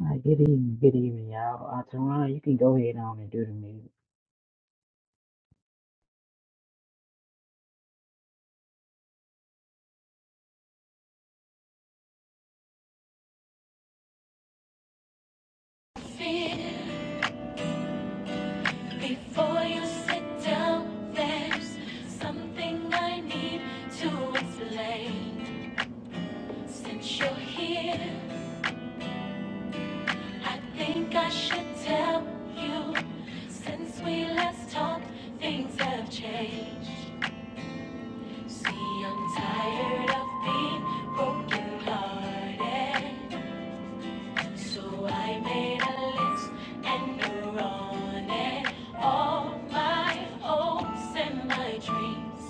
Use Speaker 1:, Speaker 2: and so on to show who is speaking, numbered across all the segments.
Speaker 1: Uh, good evening, good evening, y'all. Uh, Teron, you can go ahead on and do the music.
Speaker 2: Before you sit down, there's something I need to explain. Since you're here, I think I should tell you. Since we last talked, things have changed. See, I'm tired of being broken hearted. So I made a list and you're on it. All my hopes and my dreams.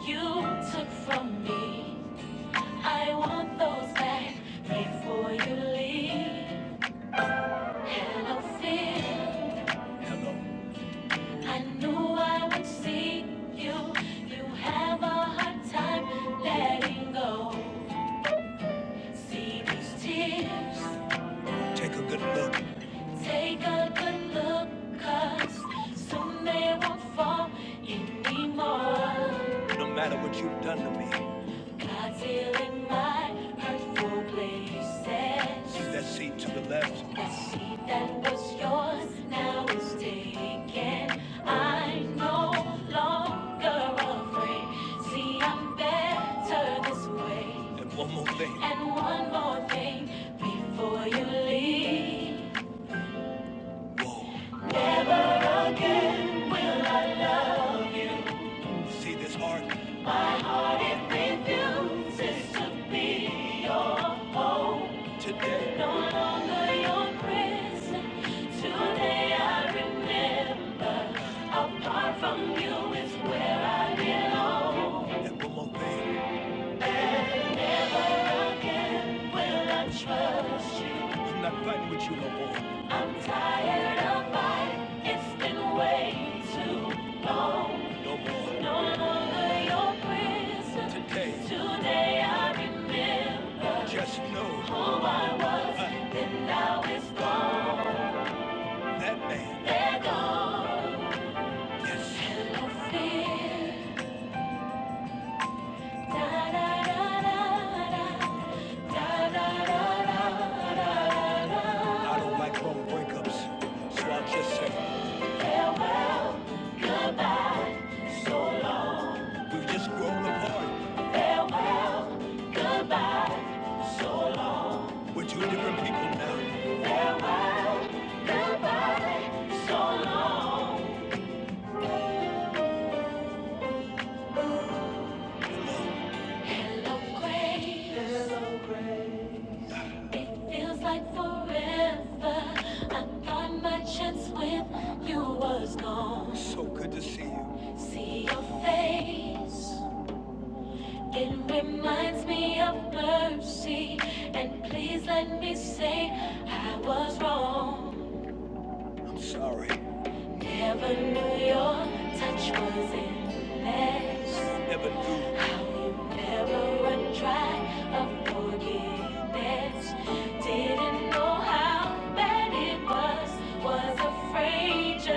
Speaker 2: you took from me. I want those back before you leave. Hello, fear. Hello. I knew I would see you. You have a hard time letting go. See these tears. Take a good look. Take a good look, 'cause cause soon they won't fall anymore. No matter what you've done to me. God's healing my hurtful places. Leave that seat to the left. That seat that was yours now is taken. I'm no longer afraid. See, I'm better this way. And one more thing. And one more thing before you leave. Whoa. Never again will I. See this heart? My heart it refuses to be your home. Today, No longer your prison. Today I remember. Apart from you is where I belong. and one more thing. Never again will I trust you. I'm not fighting with you no more. I'm tired of fighting. It's been way too long. No more. No longer your prisoner. Today. Today I remember Just know who I was. Uh, Then now it's gone. that man. They're gone. Yes. And No fear. I don't like wrong breakups, so I just say farewell, goodbye, so long. We just grown apart. Farewell, goodbye, so We're two different people now. Farewell, goodbye, so long. Hello, Grace. Hello. It feels like forever. I thought my chance with you was gone. So good to see you. See your face. It reminds me of mercy. And please let me say I was wrong. I'm sorry. Never knew your touch was endless. Never knew. How you never run dry of forgiveness. Didn't know how bad it was. Was afraid just I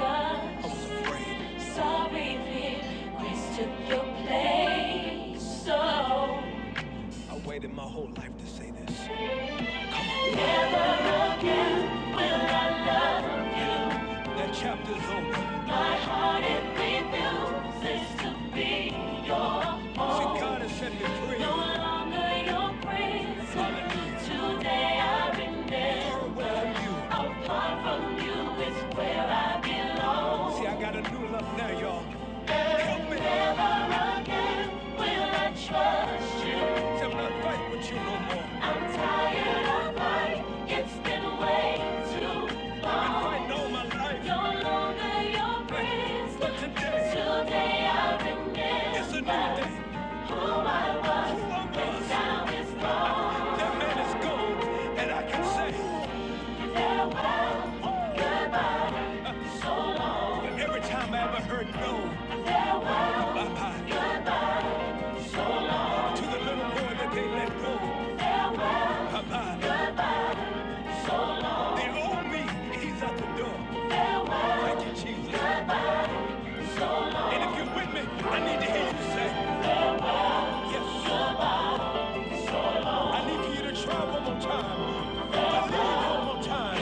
Speaker 2: was because. afraid. Sorry, fear. Grace took your place. So I waited my whole life to say this. That chapter's over. No longer your prisoner. Today I remember. Apart from you is where I belong. See, I got a new love now, y'all. Every time I ever heard no, bye bye to the little boy that they let go. The old me, he's out the door. Thank you, Jesus. And if you're with me, I need to hear you say, yes. I need for you to try one more time. Believe one more time.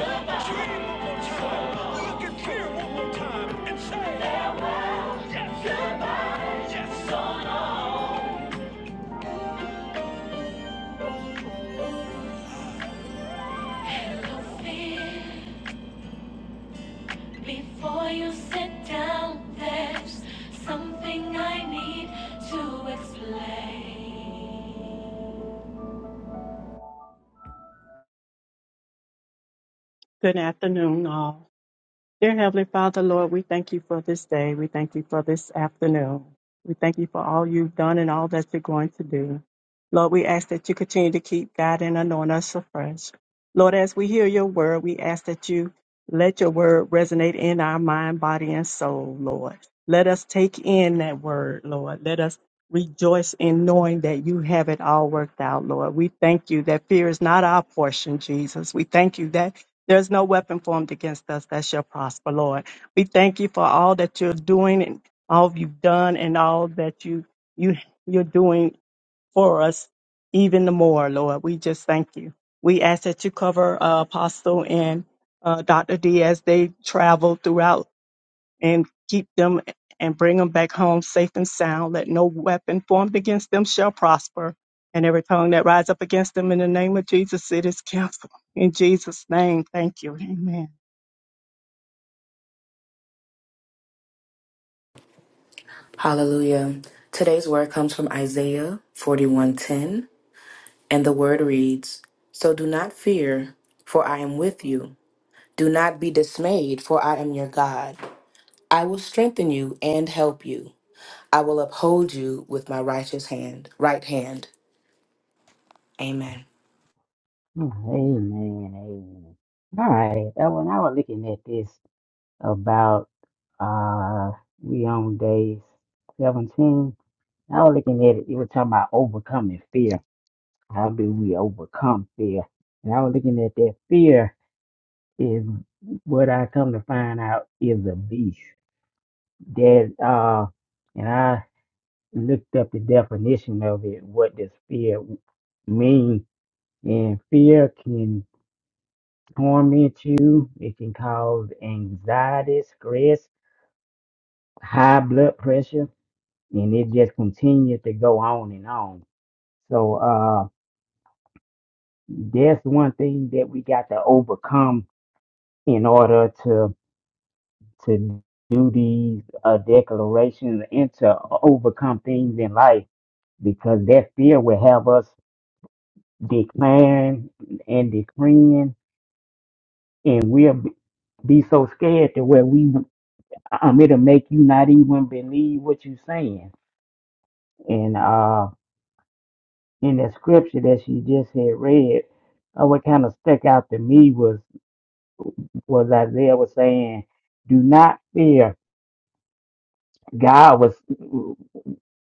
Speaker 2: Dream one more time. Look and fear one more time. And say, yes. Yes. Don't fear. Before you sit down, there's something I need to explain.
Speaker 3: Good afternoon, all. Dear Heavenly Father, Lord, we thank you for this day. We thank you for this afternoon. We thank you for all you've done and all that you're going to do. Lord, we ask that you continue to keep God and anoint us afresh. Lord, as we hear your word, we ask that you let your word resonate in our mind, body, and soul, Lord. Let us take in that word, Lord. Let us rejoice in knowing that you have it all worked out, Lord. We thank you that fear is not our portion, Jesus. We thank you that there's no weapon formed against us that shall prosper, Lord. We thank you for all that you're doing and all you've done and all that you you you're doing for us even the more, Lord. We just thank you. We ask that you cover uh, Apostle and uh, Dr. D as they travel throughout and keep them and bring them back home safe and sound. Let no weapon formed against them shall prosper. And every tongue that rise up against them in the name of Jesus, it is canceled. In Jesus' name, thank you. Amen.
Speaker 4: Hallelujah. Today's word comes from Isaiah 41:10, and the word reads, "So do not fear, for I am with you. Do not be dismayed, for I am your God. I will strengthen you and help you. I will uphold you with my righteous hand, right hand." Amen.
Speaker 1: Oh, amen, amen. All right. Uh, when I was looking at this about uh, we on day seventeen, I was looking at it. You were talking about overcoming fear. How do we overcome fear? And I was looking at that fear is what I come to find out is a beast that uh, and I looked up the definition of it, what does fear mean? And fear can torment you, it can cause anxiety, stress, high blood pressure, and it just continues to go on and on. So, uh, that's one thing that we got to overcome in order to to do these uh, declarations and to overcome things in life because that fear will have us declaring and decreeing, and we'll be be so scared to where we um it'll make you not even believe what you're saying. And uh in the scripture that she just had read, uh, what kind of stuck out to me was was Isaiah was saying, "Do not fear." God was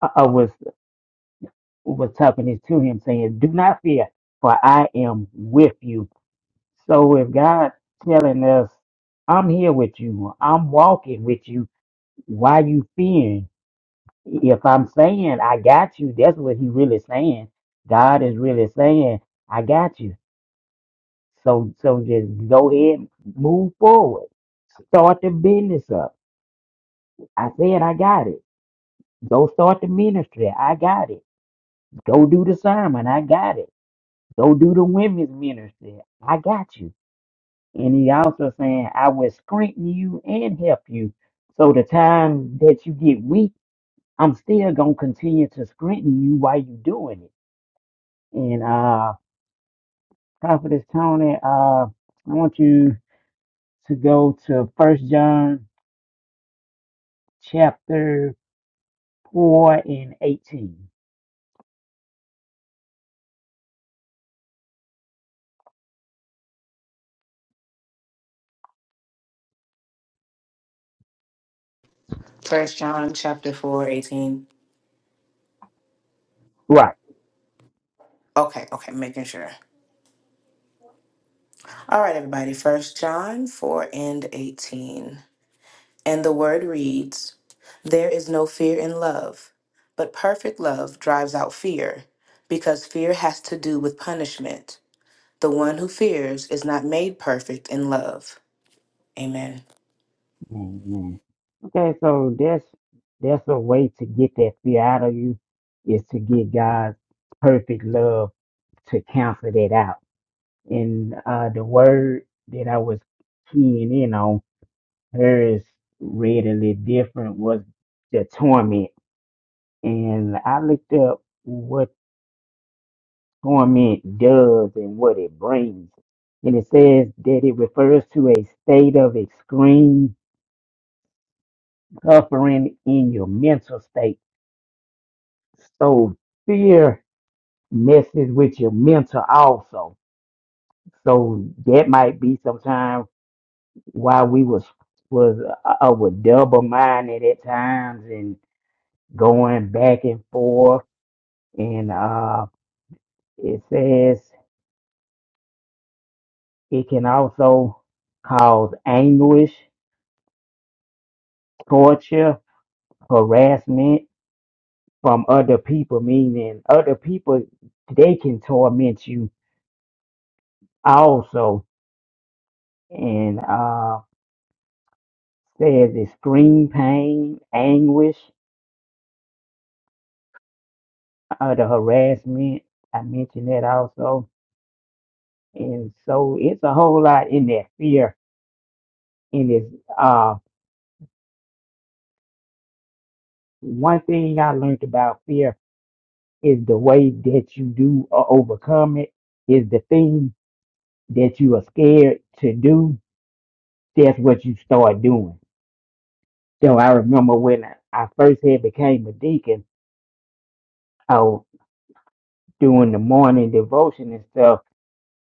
Speaker 1: uh, was was talking this to him, saying, "Do not fear, for I am with you." So if God telling us, I'm here with you, I'm walking with you, why you fearing? If I'm saying I got you, that's what he really saying. God is really saying, I got you. So so just go ahead, move forward. Start the business up. I said I got it. Go start the ministry. I got it. Go do the sermon. I got it. Go do the women's ministry. I got you. And he also saying, I will strengthen you and help you. So the time that you get weak, I'm still gonna continue to strengthen you while you doing it. And uh Prophetess Tony, uh I want you to go to first John chapter four and eighteen.
Speaker 4: First John chapter 4 18.
Speaker 1: Right.
Speaker 4: Okay, okay, making sure. All right, everybody. First John 4 and 18. And the word reads There is no fear in love, but perfect love drives out fear, because fear has to do with punishment. The one who fears is not made perfect in love. Amen.
Speaker 1: Amen. Okay, so that's that's a way to get that fear out of you is to get God's perfect love to cancel that out And uh, the word that I was keying in on, hers readily different, was the torment. And I looked up what torment does and what it brings. And it says that it refers to a state of extreme suffering in your mental state. So fear messes with your mental also. So that might be sometimes. while we was was uh, uh, were double minded at times and going back and forth and uh it says it can also cause anguish torture harassment from other people meaning other people they can torment you also and uh says it's screen pain anguish uh, the harassment i mentioned that also And so it's a whole lot in that fear. And it's uh, one thing I learned about fear is the way that you do or overcome it is the thing that you are scared to do. That's what you start doing. So I remember when I I first had became a deacon, I doing the morning devotion and stuff.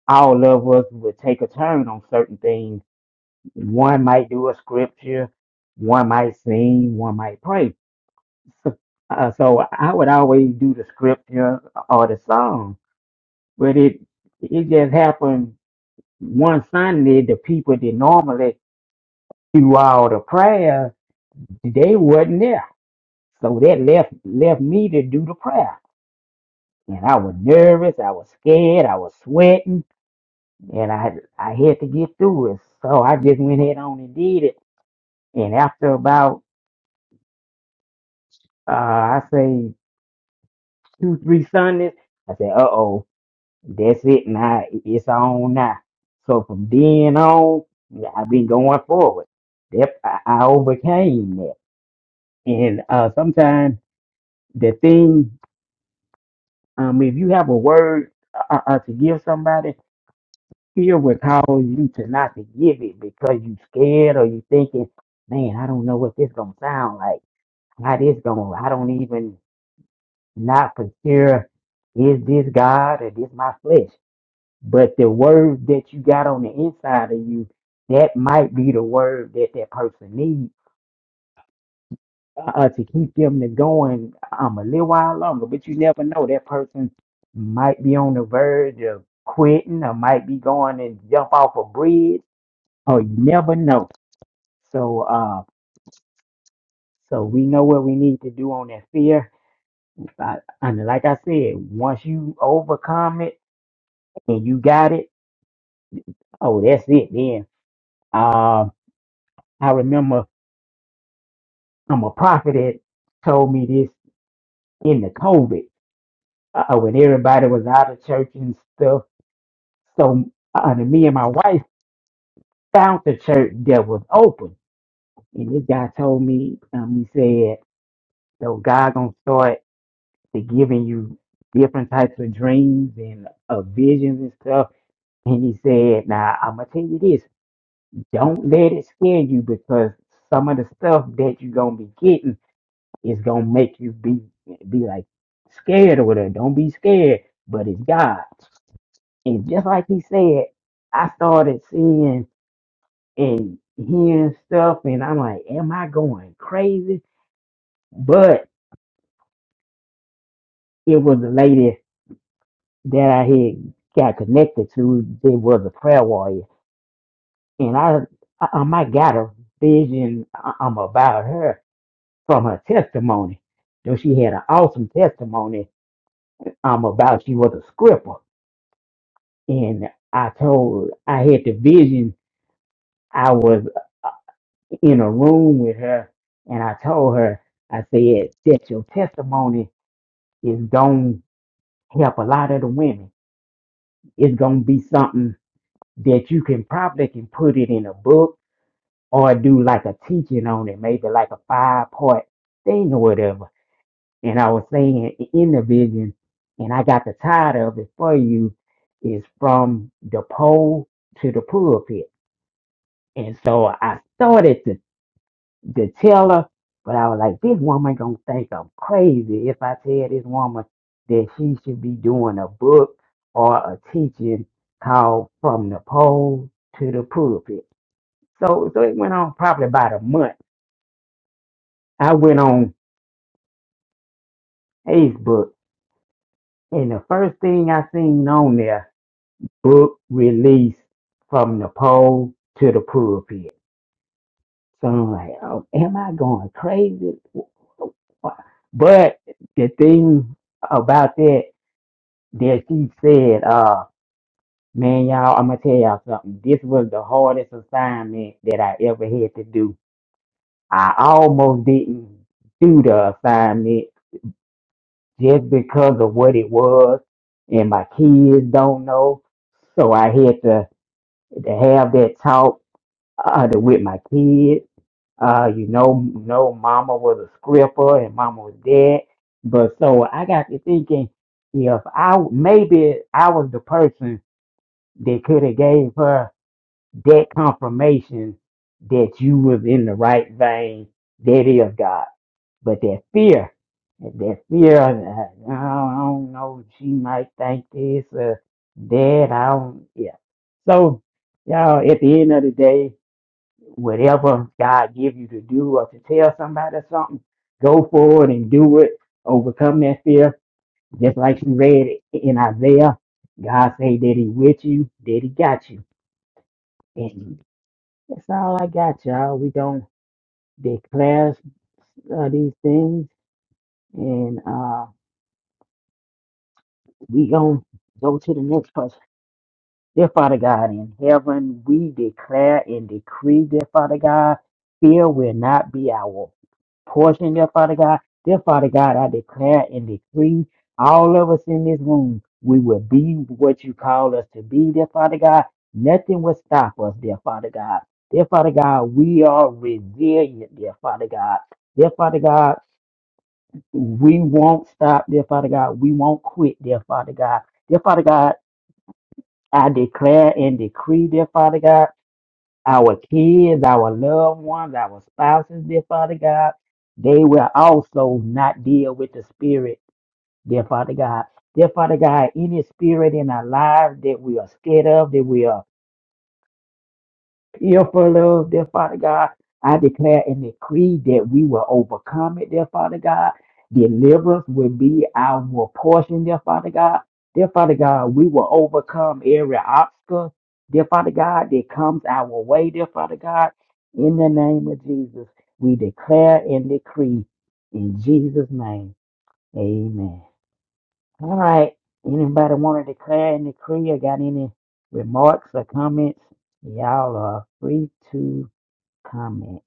Speaker 1: All of us would take a turn on certain things. One might do a scripture, one might sing, one might pray. so, uh, so I would always do the scripture or the song, but it it just happened one Sunday. The people that normally do all the prayer, they wasn't there, so that left left me to do the prayer. And I was nervous, I was scared, I was sweating, and I I had to get through it. So I just went ahead on and did it. And after about uh, I say two three Sundays, I said, uh oh. That's it now. It- It's on now. So from then on, I've been going forward. That I I overcame that. And uh, sometimes the thing, um, if you have a word uh, uh, to give somebody, fear will cause you to not to give it because you scared or you thinking, man, I don't know what this gonna sound like. How this gonna? I don't even not for sure. Is this God or this my flesh? But the word that you got on the inside of you, that might be the word that that person needs uh, to keep them to going um, a little while longer. But you never know. That person might be on the verge of quitting or might be going and jump off a bridge. Or you never know. So, uh, so we know what we need to do on that fear. Uh, and like I said, once you overcome it and you got it, oh, that's it. Then, um, I remember I'm a prophet that told me this in the COVID uh, when everybody was out of church and stuff. So uh, me and my wife found the church that was open, and this guy told me, um, he said, "So God gonna start to giving you different types of dreams and uh, visions and stuff." And he said, "Now I'm gonna tell you this: don't let it scare you because some of the stuff that you're gonna be getting." It's gonna make you be be like scared or whatever. Don't be scared, but it's God. And just like he said, I started seeing and hearing stuff, and I'm like, am I going crazy? But it was a lady that I had got connected to. It was a prayer warrior, and I I, um, I got a vision uh, um about her from her testimony. Though she had an awesome testimony um about she was a scripper And I told, I had the vision. I was in a room with her, and I told her, I said, that your testimony is going to help a lot of the women. It's going to be something that you can probably can put it in a book or do like a teaching on it, maybe like a five part thing or whatever. And I was saying in the vision, and I got the title of it for you, is from the pole to the pulpit And so I started to, to tell her, but I was like, this woman gonna think I'm crazy if I tell this woman that she should be doing a book or a teaching called From the Pole to the Pulpit. So so it went on probably about a month. I went on Facebook and the first thing I seen on there, book release from the pole to the pulpit. So I'm like, oh, am I going crazy? But the thing about that, that she said, uh, man, y'all, I'm gonna tell y'all something. This was the hardest assignment that I ever had to do. I almost didn't do the assignment just because of what it was, and my kids don't know. So I had to, to have that talk uh, to with my kids. Uh, you know, no mama was a stripper and mama was dead. But so I got to thinking if I maybe I was the person that could have gave her that confirmation that you was in the right vein. That is God. But that fear, that fear, uh, I don't know, she might think this or that. I don't, yeah. So, y'all, at the end of the day, whatever God give you to do or to tell somebody something, go forward and do it. Overcome that fear. Just like you read it in Isaiah, God say that he with you, that he got you. And that's all I got, y'all. We gonna declare uh, these things and uh, we gonna go to the next person. Dear Father God in heaven, we declare and decree, dear Father God, fear will not be our portion, dear Father God. Dear Father God, I declare and decree all of us in this room, we will be what you call us to be, dear Father God. Nothing will stop us, dear Father God. Dear Father God, we are resilient, dear Father God. Dear Father God, we won't stop, dear Father God. We won't quit, dear Father God. Dear Father God, I declare and decree, dear Father God, our kids, our loved ones, our spouses, dear Father God, they will also not deal with the spirit, dear Father God. Dear Father God, any spirit in our lives that we are scared of, that we are if for love, dear Father God, I declare and decree that we will overcome it, dear Father God. Deliverance will be our portion, dear Father God. Dear Father God, we will overcome every obstacle, dear Father God, that comes our way, dear Father God. In the name of Jesus, we declare and decree in Jesus' name. Amen. All right. Anybody want to declare and decree or got any remarks or comments? Y'all are free to comment.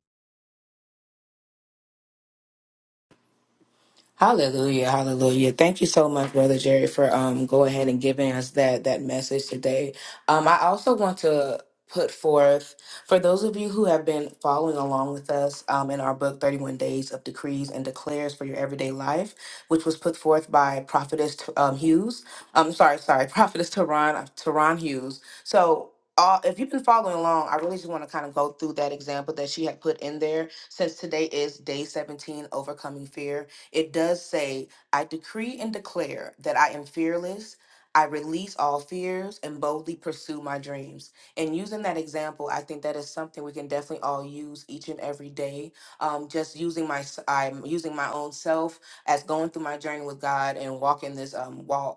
Speaker 4: Hallelujah, hallelujah. Thank you so much, Brother Jerry, for um go ahead and giving us that that message today. Um, I also want to put forth for those of you who have been following along with us um, in our book 31 days of decrees and declares for your everyday life which was put forth by prophetess um, hughes i'm sorry sorry prophetess Tehran Tehran hughes so uh, if you've been following along i really just want to kind of go through that example that she had put in there since today is day 17 overcoming fear it does say, I decree and declare that I am fearless. I release all fears and boldly pursue my dreams. And using that example, I think that is something we can definitely all use each and every day. Um, just using my, s- I'm using my own self as going through my journey with God and walking this um, walk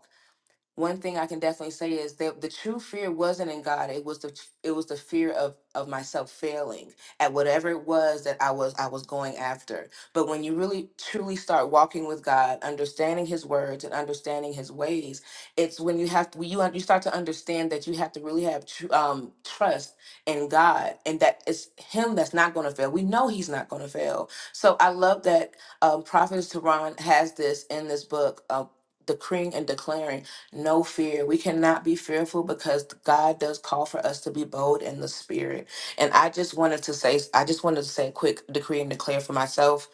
Speaker 4: one thing I can definitely say is that the true fear wasn't in God. It was the it was the fear of of myself failing at whatever it was that I was I was going after. But when you really truly start walking with God, understanding His words and understanding His ways, it's when you have to, when you un- you start to understand that you have to really have tr- um, trust in God and that it's Him that's not going to fail. We know He's not going to fail. So I love that um, Prophet Tehran has this in this book. Uh, decreeing and declaring no fear. We cannot be fearful because God does call for us to be bold in the spirit. And I just wanted to say, I just wanted to say a quick decree and declare for myself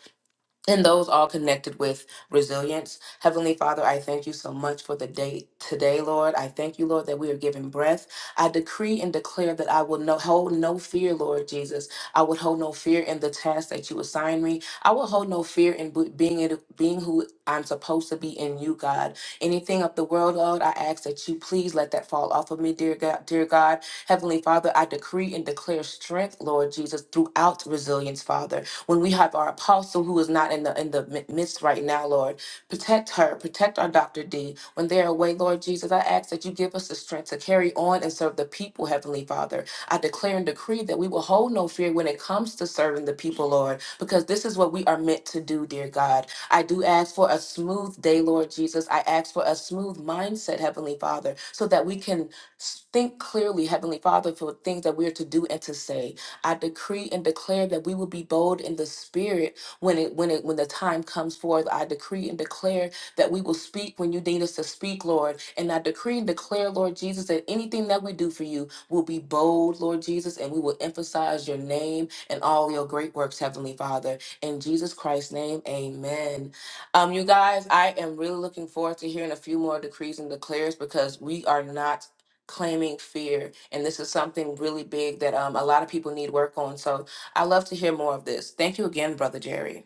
Speaker 4: and those all connected with resilience. Heavenly Father, I thank you so much for the day today, Lord. I thank you, Lord, that we are given breath. I decree and declare that I will no, hold no fear, Lord Jesus. I would hold no fear in the task that you assign me. I will hold no fear in bu- being it, being who I'm supposed to be in you, God. Anything of the world, Lord, I ask that you please let that fall off of me, dear God. Dear God, Heavenly Father, I decree and declare strength, Lord Jesus, throughout resilience, Father. When we have our apostle who is not in the in the mi- midst right now, Lord, protect her, protect our Dr. D. When they're away, Lord Jesus, I ask that you give us the strength to carry on and serve the people, Heavenly Father. I declare and decree that we will hold no fear when it comes to serving the people, Lord, because this is what we are meant to do, dear God. I do ask for a smooth day, Lord Jesus. I ask for a smooth mindset, Heavenly Father, so that we can s- think clearly, Heavenly Father, for things that we are to do and to say. I decree and declare that we will be bold in the spirit when it when it when the time comes forth. I decree and declare that we will speak when you need us to speak, Lord. And I decree and declare, Lord Jesus, that anything that we do for you will be bold, Lord Jesus, and we will emphasize your name and all your great works, Heavenly Father. In Jesus Christ's name, amen. Um, you guys, I am really looking forward to hearing a few more decrees and declares because we are not claiming fear and this is something really big that um, a lot of people need work on so i love to hear more of this thank you again brother jerry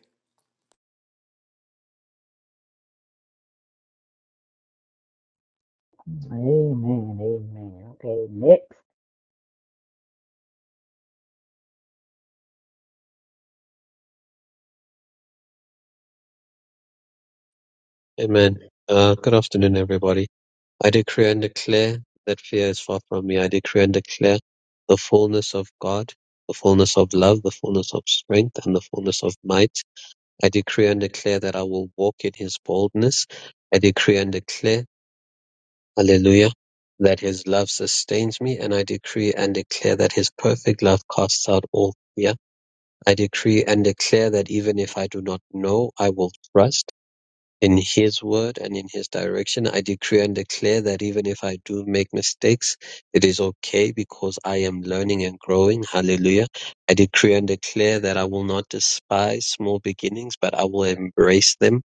Speaker 1: Amen. Amen. Okay, next.
Speaker 5: Amen. Uh, good afternoon, everybody. I decree and declare that fear is far from me. I decree and declare the fullness of God, the fullness of love, the fullness of strength, and the fullness of might. I decree and declare that I will walk in his boldness. I decree and declare, hallelujah, that his love sustains me. And I decree and declare that his perfect love casts out all fear. I decree and declare that even if I do not know, I will trust in his word and in his direction. I decree and declare that even if I do make mistakes, it is okay because I am learning and growing. Hallelujah. I decree and declare that I will not despise small beginnings, but I will embrace them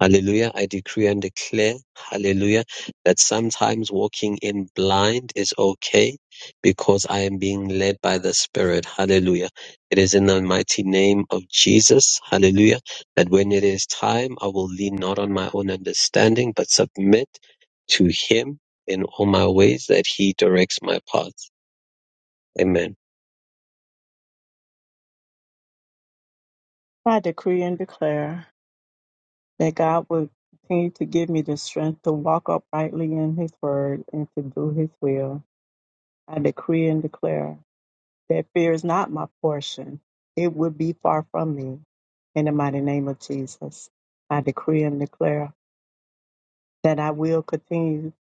Speaker 5: Hallelujah. I decree and declare, hallelujah, that sometimes walking in blind is okay because I am being led by the Spirit. Hallelujah. It is in the mighty name of Jesus, hallelujah, that when it is time, I will lean not on my own understanding, but submit to Him in all my ways that He directs my paths. Amen.
Speaker 3: I decree and declare that God will continue to give me the strength to walk uprightly in His word and to do His will. I decree and declare that fear is not my portion, it would be far from me. In the mighty name of Jesus, I decree and declare that I will continue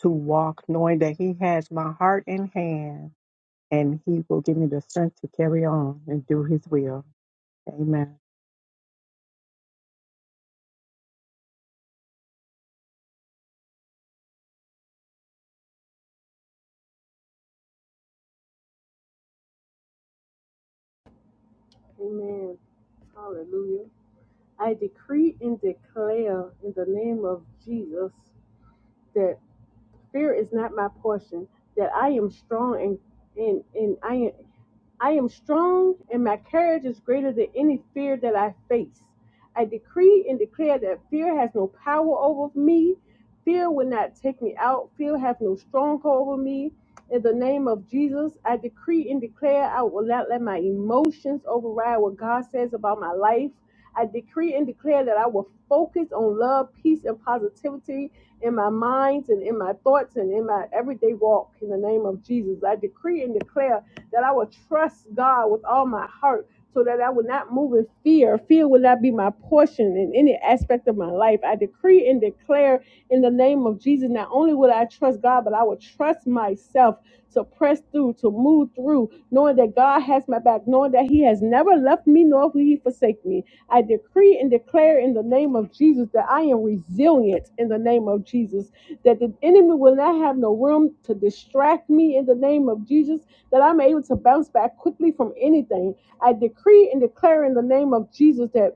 Speaker 3: to walk knowing that He has my heart in hand and He will give me the strength to carry on and do His will. Amen.
Speaker 2: Amen. Hallelujah. I decree and declare in the name of Jesus that fear is not my portion, that I am strong and and, and I am I am strong, and my courage is greater than any fear that I face. I decree and declare that fear has no power over me. Fear will not take me out. Fear has no stronghold over me. In the name of Jesus, I decree and declare I will not let my emotions override what God says about my life. I decree and declare that I will focus on love, peace, and positivity in my minds and in my thoughts and in my everyday walk. In the name of Jesus, I decree and declare that I would trust God with all my heart so that I would not move in fear. Fear will not be my portion in any aspect of my life. I decree and declare in the name of Jesus, not only will I trust God, but I will trust myself to press through, to move through, knowing that God has my back, knowing that He has never left me, nor will He forsake me. I decree and declare in the name of Jesus that I am resilient in the name of Jesus, that the enemy will not have no room to distract me in the name of Jesus that I'm able to bounce back quickly from anything. I decree and declare in the name of Jesus that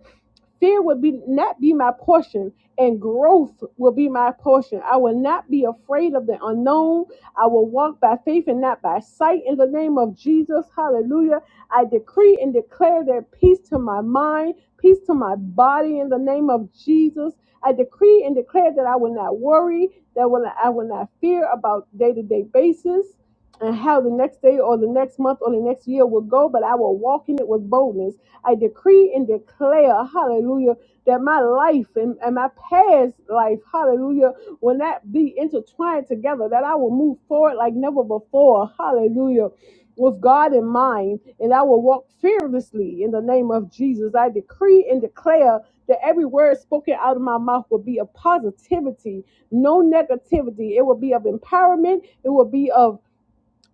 Speaker 2: Fear will be not be my portion, and growth will be my portion. I will not be afraid of the unknown. I will walk by faith and not by sight. In the name of Jesus, Hallelujah! I decree and declare that peace to my mind, peace to my body. In the name of Jesus, I decree and declare that I will not worry, that will I will not fear about day to day basis and how the next day or the next month or the next year will go, but I will walk in it with boldness. I decree and declare, hallelujah, that my life and, and my past life, hallelujah, will not be intertwined together, that I will move forward like never before, hallelujah, with God in mind, and I will walk fearlessly in the name of Jesus. I decree and declare that every word spoken out of my mouth will be of positivity, no negativity. It will be of empowerment, it will be of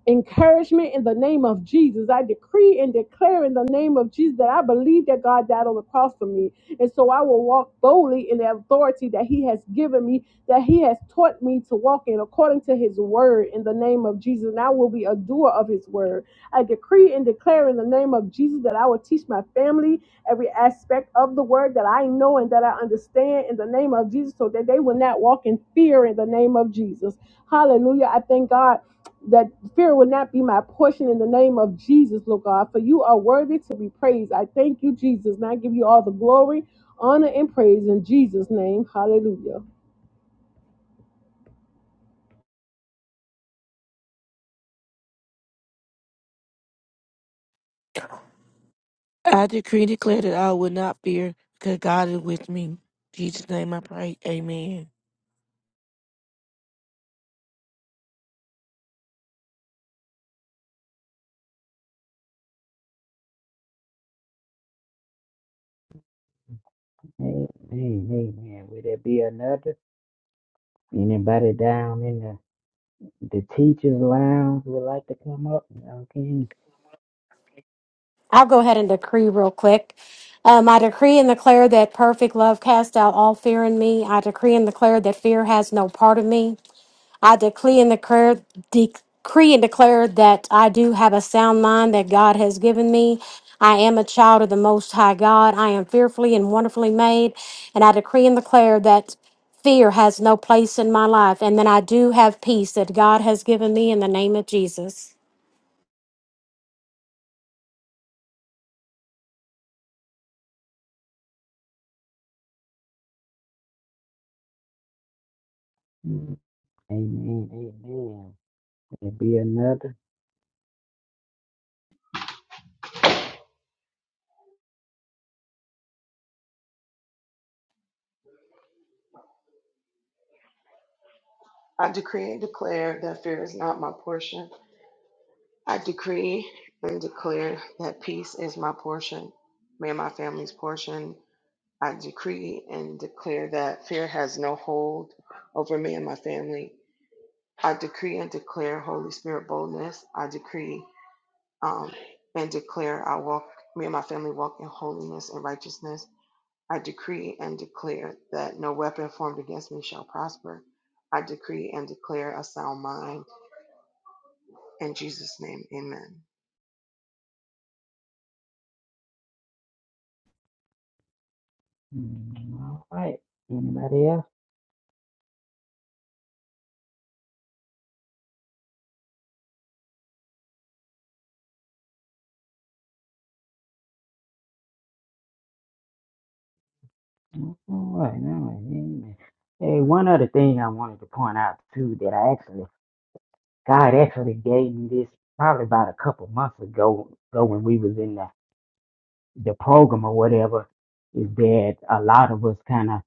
Speaker 2: encouragement in the name of Jesus. I decree and declare in the name of Jesus that I believe that God died on the cross for me. And so I will walk boldly in the authority that He has given me, that He has taught me to walk in according to His word in the name of Jesus. And I will be a doer of His word. I decree and declare in the name of Jesus that I will teach my family every aspect of the word that I know and that I understand in the name of Jesus so that they will not walk in fear in the name of Jesus. Hallelujah. I thank God that fear will not be my portion in the name of Jesus, Lord God, for you are worthy to be praised. I thank you, Jesus, and I give you all the glory, honor, and praise in Jesus' name. Hallelujah.
Speaker 6: I decree and declare that I will not fear because God is with me. In Jesus' name I pray. Amen.
Speaker 1: Amen. Amen. Will there be another? Anybody down in the, the teacher's lounge would like to come up? Okay.
Speaker 7: I'll go ahead and decree real quick. Um, I decree and declare that perfect love casts out all fear in me. I decree and declare that fear has no part of me. I decree and declare, decree and declare that I do have a sound mind that God has given me. I am a child of the Most High God. I am fearfully and wonderfully made. And I decree and declare that fear has no place in my life. And then I do have peace that God has given me in the name of Jesus.
Speaker 1: Amen. Amen. Will there be another?
Speaker 8: I decree and declare that fear is not my portion. I decree and declare that peace is my portion, me and my family's portion. I decree and declare that fear has no hold over me and my family. I decree and declare Holy Spirit boldness. I decree um, and declare I walk, me and my family walk in holiness and righteousness. I decree and declare that no weapon formed against me shall prosper. I decree and declare a sound mind. In Jesus' name, amen.
Speaker 1: Mm, All right. Anybody else? All right. All right. Amen. Hey, one other thing I wanted to point out too that I actually, God actually gave me this probably about a couple months ago, ago when we was in the the program or whatever is that a lot of us kind of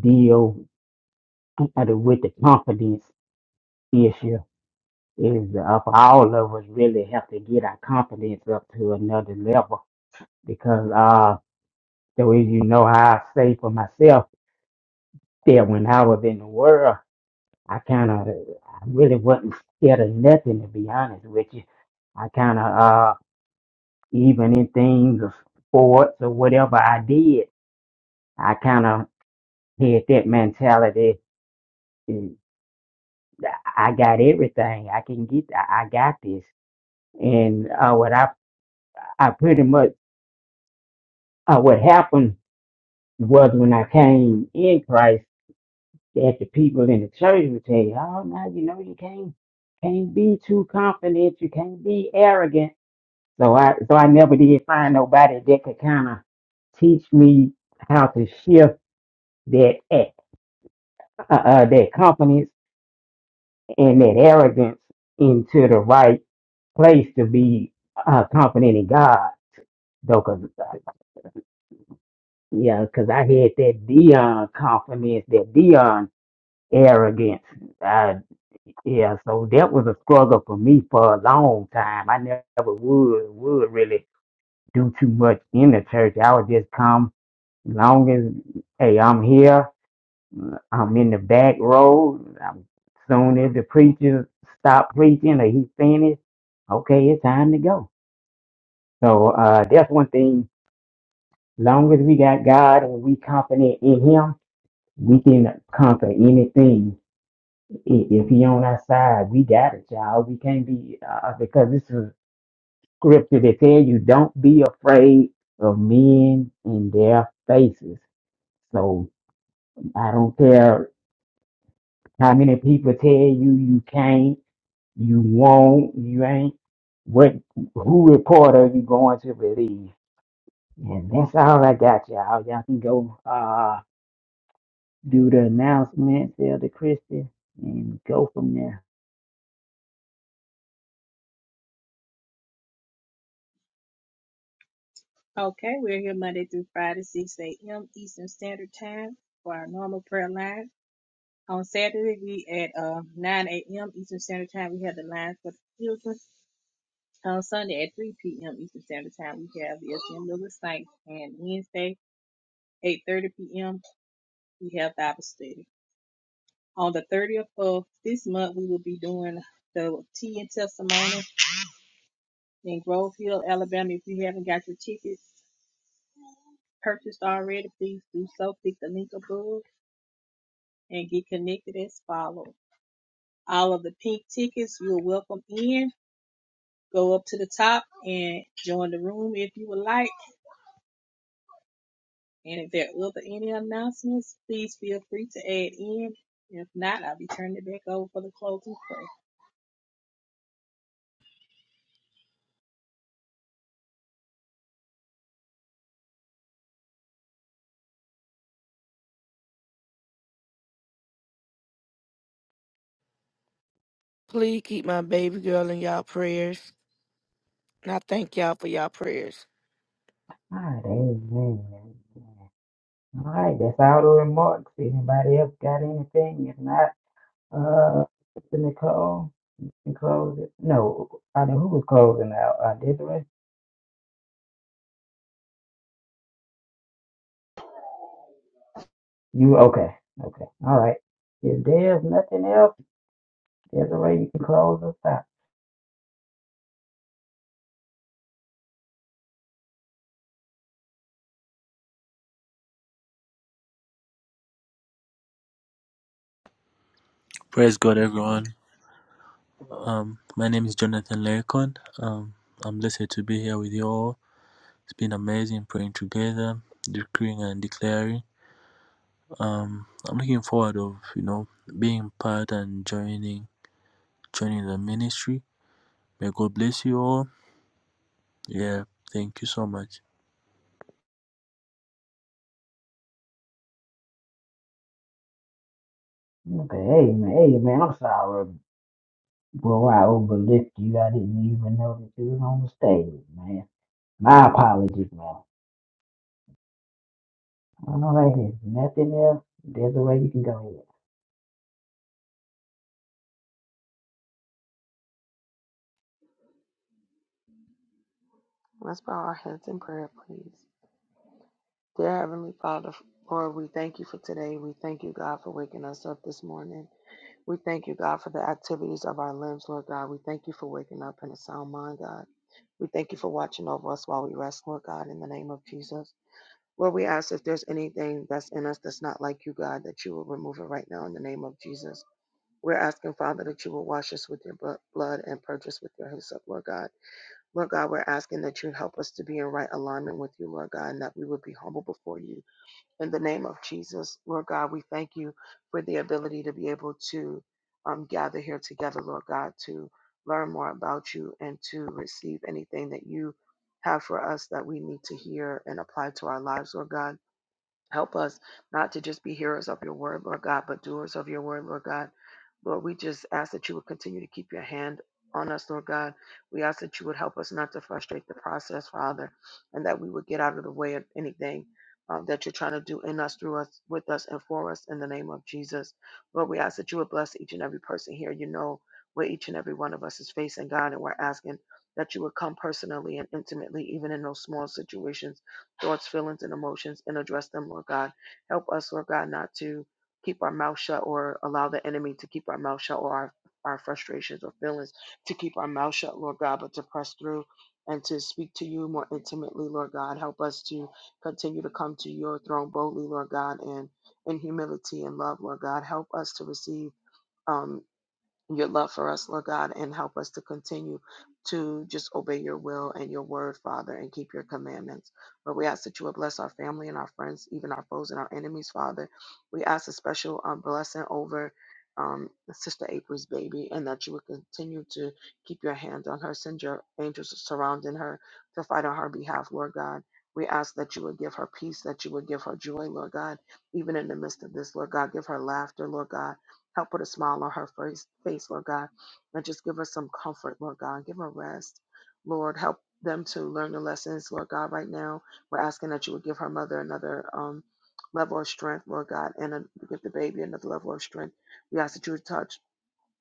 Speaker 1: deal with the confidence issue is uh, for all of us really have to get our confidence up to another level because uh the way you know how I say for myself that when I was in the world I kind of I really wasn't scared of nothing to be honest with you I kind of uh even in things of sports or whatever I did I kind of had that mentality and I got everything. I can get. I I got this. And uh, what I I pretty much uh, what happened was when I came in Christ, that the people in the church would tell you, "Oh, now you know you can't can't be too confident. You can't be arrogant." So I so I never did find nobody that could kind of teach me how to shift that act, uh, uh, that confidence and that arrogance into the right place to be uh, confident in God. Though, cause uh, yeah, cause I had that Dion confidence, that Dion arrogance. Uh, yeah, so that was a struggle for me for a long time. I never would would really do too much in the church. I would just come long as hey, I'm here. I'm in the back row. I'm soon as the preacher stopped preaching or he finished, okay, it's time to go. So uh, that's one thing. Long as we got God and we confident in Him, we can conquer anything. I- If He on our side, we got it, child. We can't be uh, because this is scripture that tell you don't be afraid of men in their faces. So I don't care how many people tell you you can't. You won't, you ain't, what, who report are you going to believe? And that's all I got, y'all. Y'all can go uh, do the announcement, tell the Christian, and go from there.
Speaker 9: Okay, we're here Monday through Friday, 6 a.m. Eastern Standard Time for our normal prayer line. On Saturday, we at uh, 9 a.m. Eastern Standard Time, we have the line for the children. On Sunday at 3 p.m. Eastern Standard Time, we have the SM Lewis Site. And Wednesday, 8.30 p.m., we have Bible study. On the 30th of this month, we will be doing the tea and testimony in Grove Hill, Alabama. If you haven't got your tickets purchased already, please do so. Click the link above and get connected as follows. All of the pink tickets you're welcome in. Go up to the top and join the room if you would like. And if there are other any announcements, please feel free to add in. If not, I'll be turning it back over for the closing prayer.
Speaker 6: Please keep my baby girl in y'all prayers. And I thank y'all for y'all prayers.
Speaker 1: All right, amen. All right, that's all the remarks. Anybody else got anything? If not, uh, Sister Nicole can close it. No, I know who was closing out. Uh, Desiree? You, okay, okay. All right. If there's nothing else, Desiree, you can close us out.
Speaker 10: Praise God, everyone. Um, my name is Jonathan Lericon. Um, I'm blessed to be here with you all. It's been amazing praying together, decreeing and declaring. Um, I'm looking forward of you know being part and joining joining the ministry. May God bless you all. Yeah, thank you so much.
Speaker 1: Okay, hey man, hey man, I'm sorry, bro. I overlooked you. I didn't even know that you was on the stage, man. My apologies, man. All right, if nothing else, there's a way you can go
Speaker 8: Let's bow our heads in prayer, please. Dear Heavenly Father, Lord, we thank you for today. We thank you, God, for waking us up this morning. We thank you, God, for the activities of our limbs, Lord God. We thank you for waking up in a sound mind, God. We thank you for watching over us while we rest, Lord God, in the name of Jesus. Lord, we ask if there's anything that's in us that's not like you, God, that you will remove it right now in the name of Jesus. We're asking, Father, that you will wash us with your blo- blood and purge us with your hyssop, Lord God. Lord God, we're asking that you help us to be in right alignment with you, Lord God, and that we would be humble before you. In the name of Jesus, Lord God, we thank you for the ability to be able to um, gather here together, Lord God, to learn more about you and to receive anything that you have for us that we need to hear and apply to our lives, Lord God. Help us not to just be hearers of your word, Lord God, but doers of your word, Lord God. Lord, we just ask that you would continue to keep your hand on us, Lord God. We ask that you would help us not to frustrate the process, Father, and that we would get out of the way of anything uh, that you're trying to do in us, through us, with us, and for us in the name of Jesus. Lord, we ask that you would bless each and every person here. You know where each and every one of us is facing, God, and we're asking that you would come personally and intimately, even in those small situations thoughts, feelings, and emotions and address them, Lord God. Help us, Lord God, not to keep our mouth shut or allow the enemy to keep our mouth shut or our, our frustrations or feelings to keep our mouth shut, Lord God, but to press through and to speak to you more intimately, Lord God. Help us to continue to come to your throne boldly, Lord God, and in humility and love, Lord God. Help us to receive. Um, your love for us, Lord God, and help us to continue to just obey your will and your word, Father, and keep your commandments. Lord, we ask that you would bless our family and our friends, even our foes and our enemies, Father. We ask a special um, blessing over um, Sister April's baby and that you would continue to keep your hand on her, send your angels surrounding her to fight on her behalf, Lord God. We ask that you would give her peace, that you would give her joy, Lord God, even in the midst of this, Lord God. Give her laughter, Lord God Help put a smile on her face, face, Lord God, and just give her some comfort, Lord God. Give her rest, Lord. Help them to learn the lessons, Lord God. Right now, we're asking that you would give her mother another um, level of strength, Lord God, and uh give the baby another level of strength. We ask that you would touch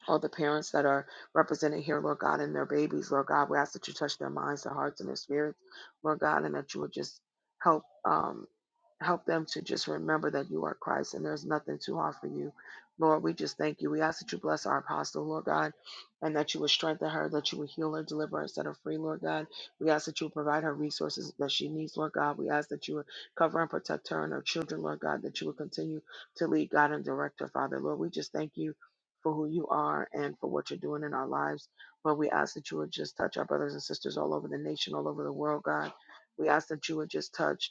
Speaker 8: all the parents that are represented here, Lord God, and their babies, Lord God. We ask that you touch their minds, their hearts, and their spirits, Lord God, and that you would just help. Um, Help them to just remember that you are Christ and there's nothing too hard for you. Lord, we just thank you. We ask that you bless our apostle, Lord God, and that you would strengthen her, that you would heal her, deliver her, set her free, Lord God. We ask that you would provide her resources that she needs, Lord God. We ask that you would cover and protect her and her children, Lord God, that you would continue to lead God and direct her, Father. Lord, we just thank you for who you are and for what you're doing in our lives. Lord, we ask that you would just touch our brothers and sisters all over the nation, all over the world, God. We ask that you would just touch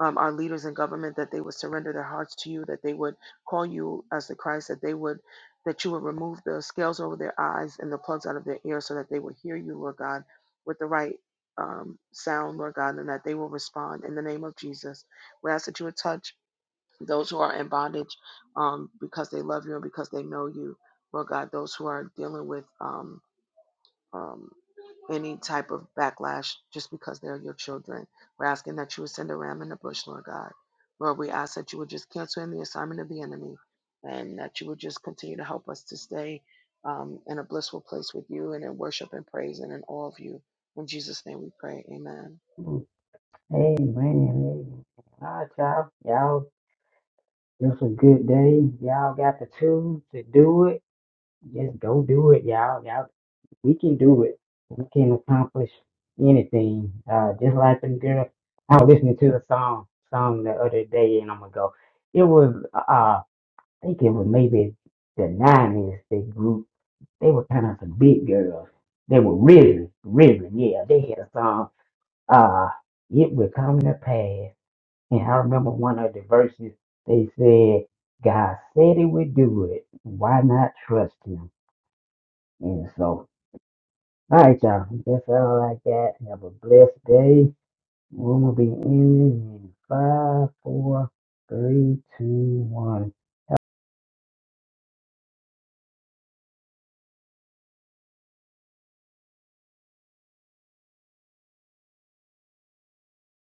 Speaker 8: um, our leaders in government that they would surrender their hearts to you, that they would call you as the Christ, that they would that you would remove the scales over their eyes and the plugs out of their ears, so that they would hear you, Lord God, with the right um, sound, Lord God, and that they will respond in the name of Jesus. We ask that you would touch those who are in bondage um, because they love you and because they know you, Lord God. Those who are dealing with um, um, any type of backlash just because they're your children. We're asking that you would send a ram in the bush, Lord God. Lord, we ask that you would just cancel in the assignment of the enemy and that you would just continue to help us to stay um, in a blissful place with you and in worship and praise and in all of you. In Jesus' name we pray. Amen.
Speaker 1: ahead. Hey man, hey. All right, y'all. Y'all, this a good day. Y'all got the tools to do it. Just go do it, y'all. Y'all we can do it. We can accomplish anything. Uh, just like them girl, I was listening to a song song the other day, and I'm gonna go. It was uh, I think it was maybe the nineties. They group they were kind of some big girls. They were risen, risen. Yeah, they had a song. Uh, it will come to pass. And I remember one of the verses. They said, "God said He would do it. Why not trust Him?" And so All right, y'all. That's all I got. Have a blessed day. Room will be ending in five, four, three, two, one.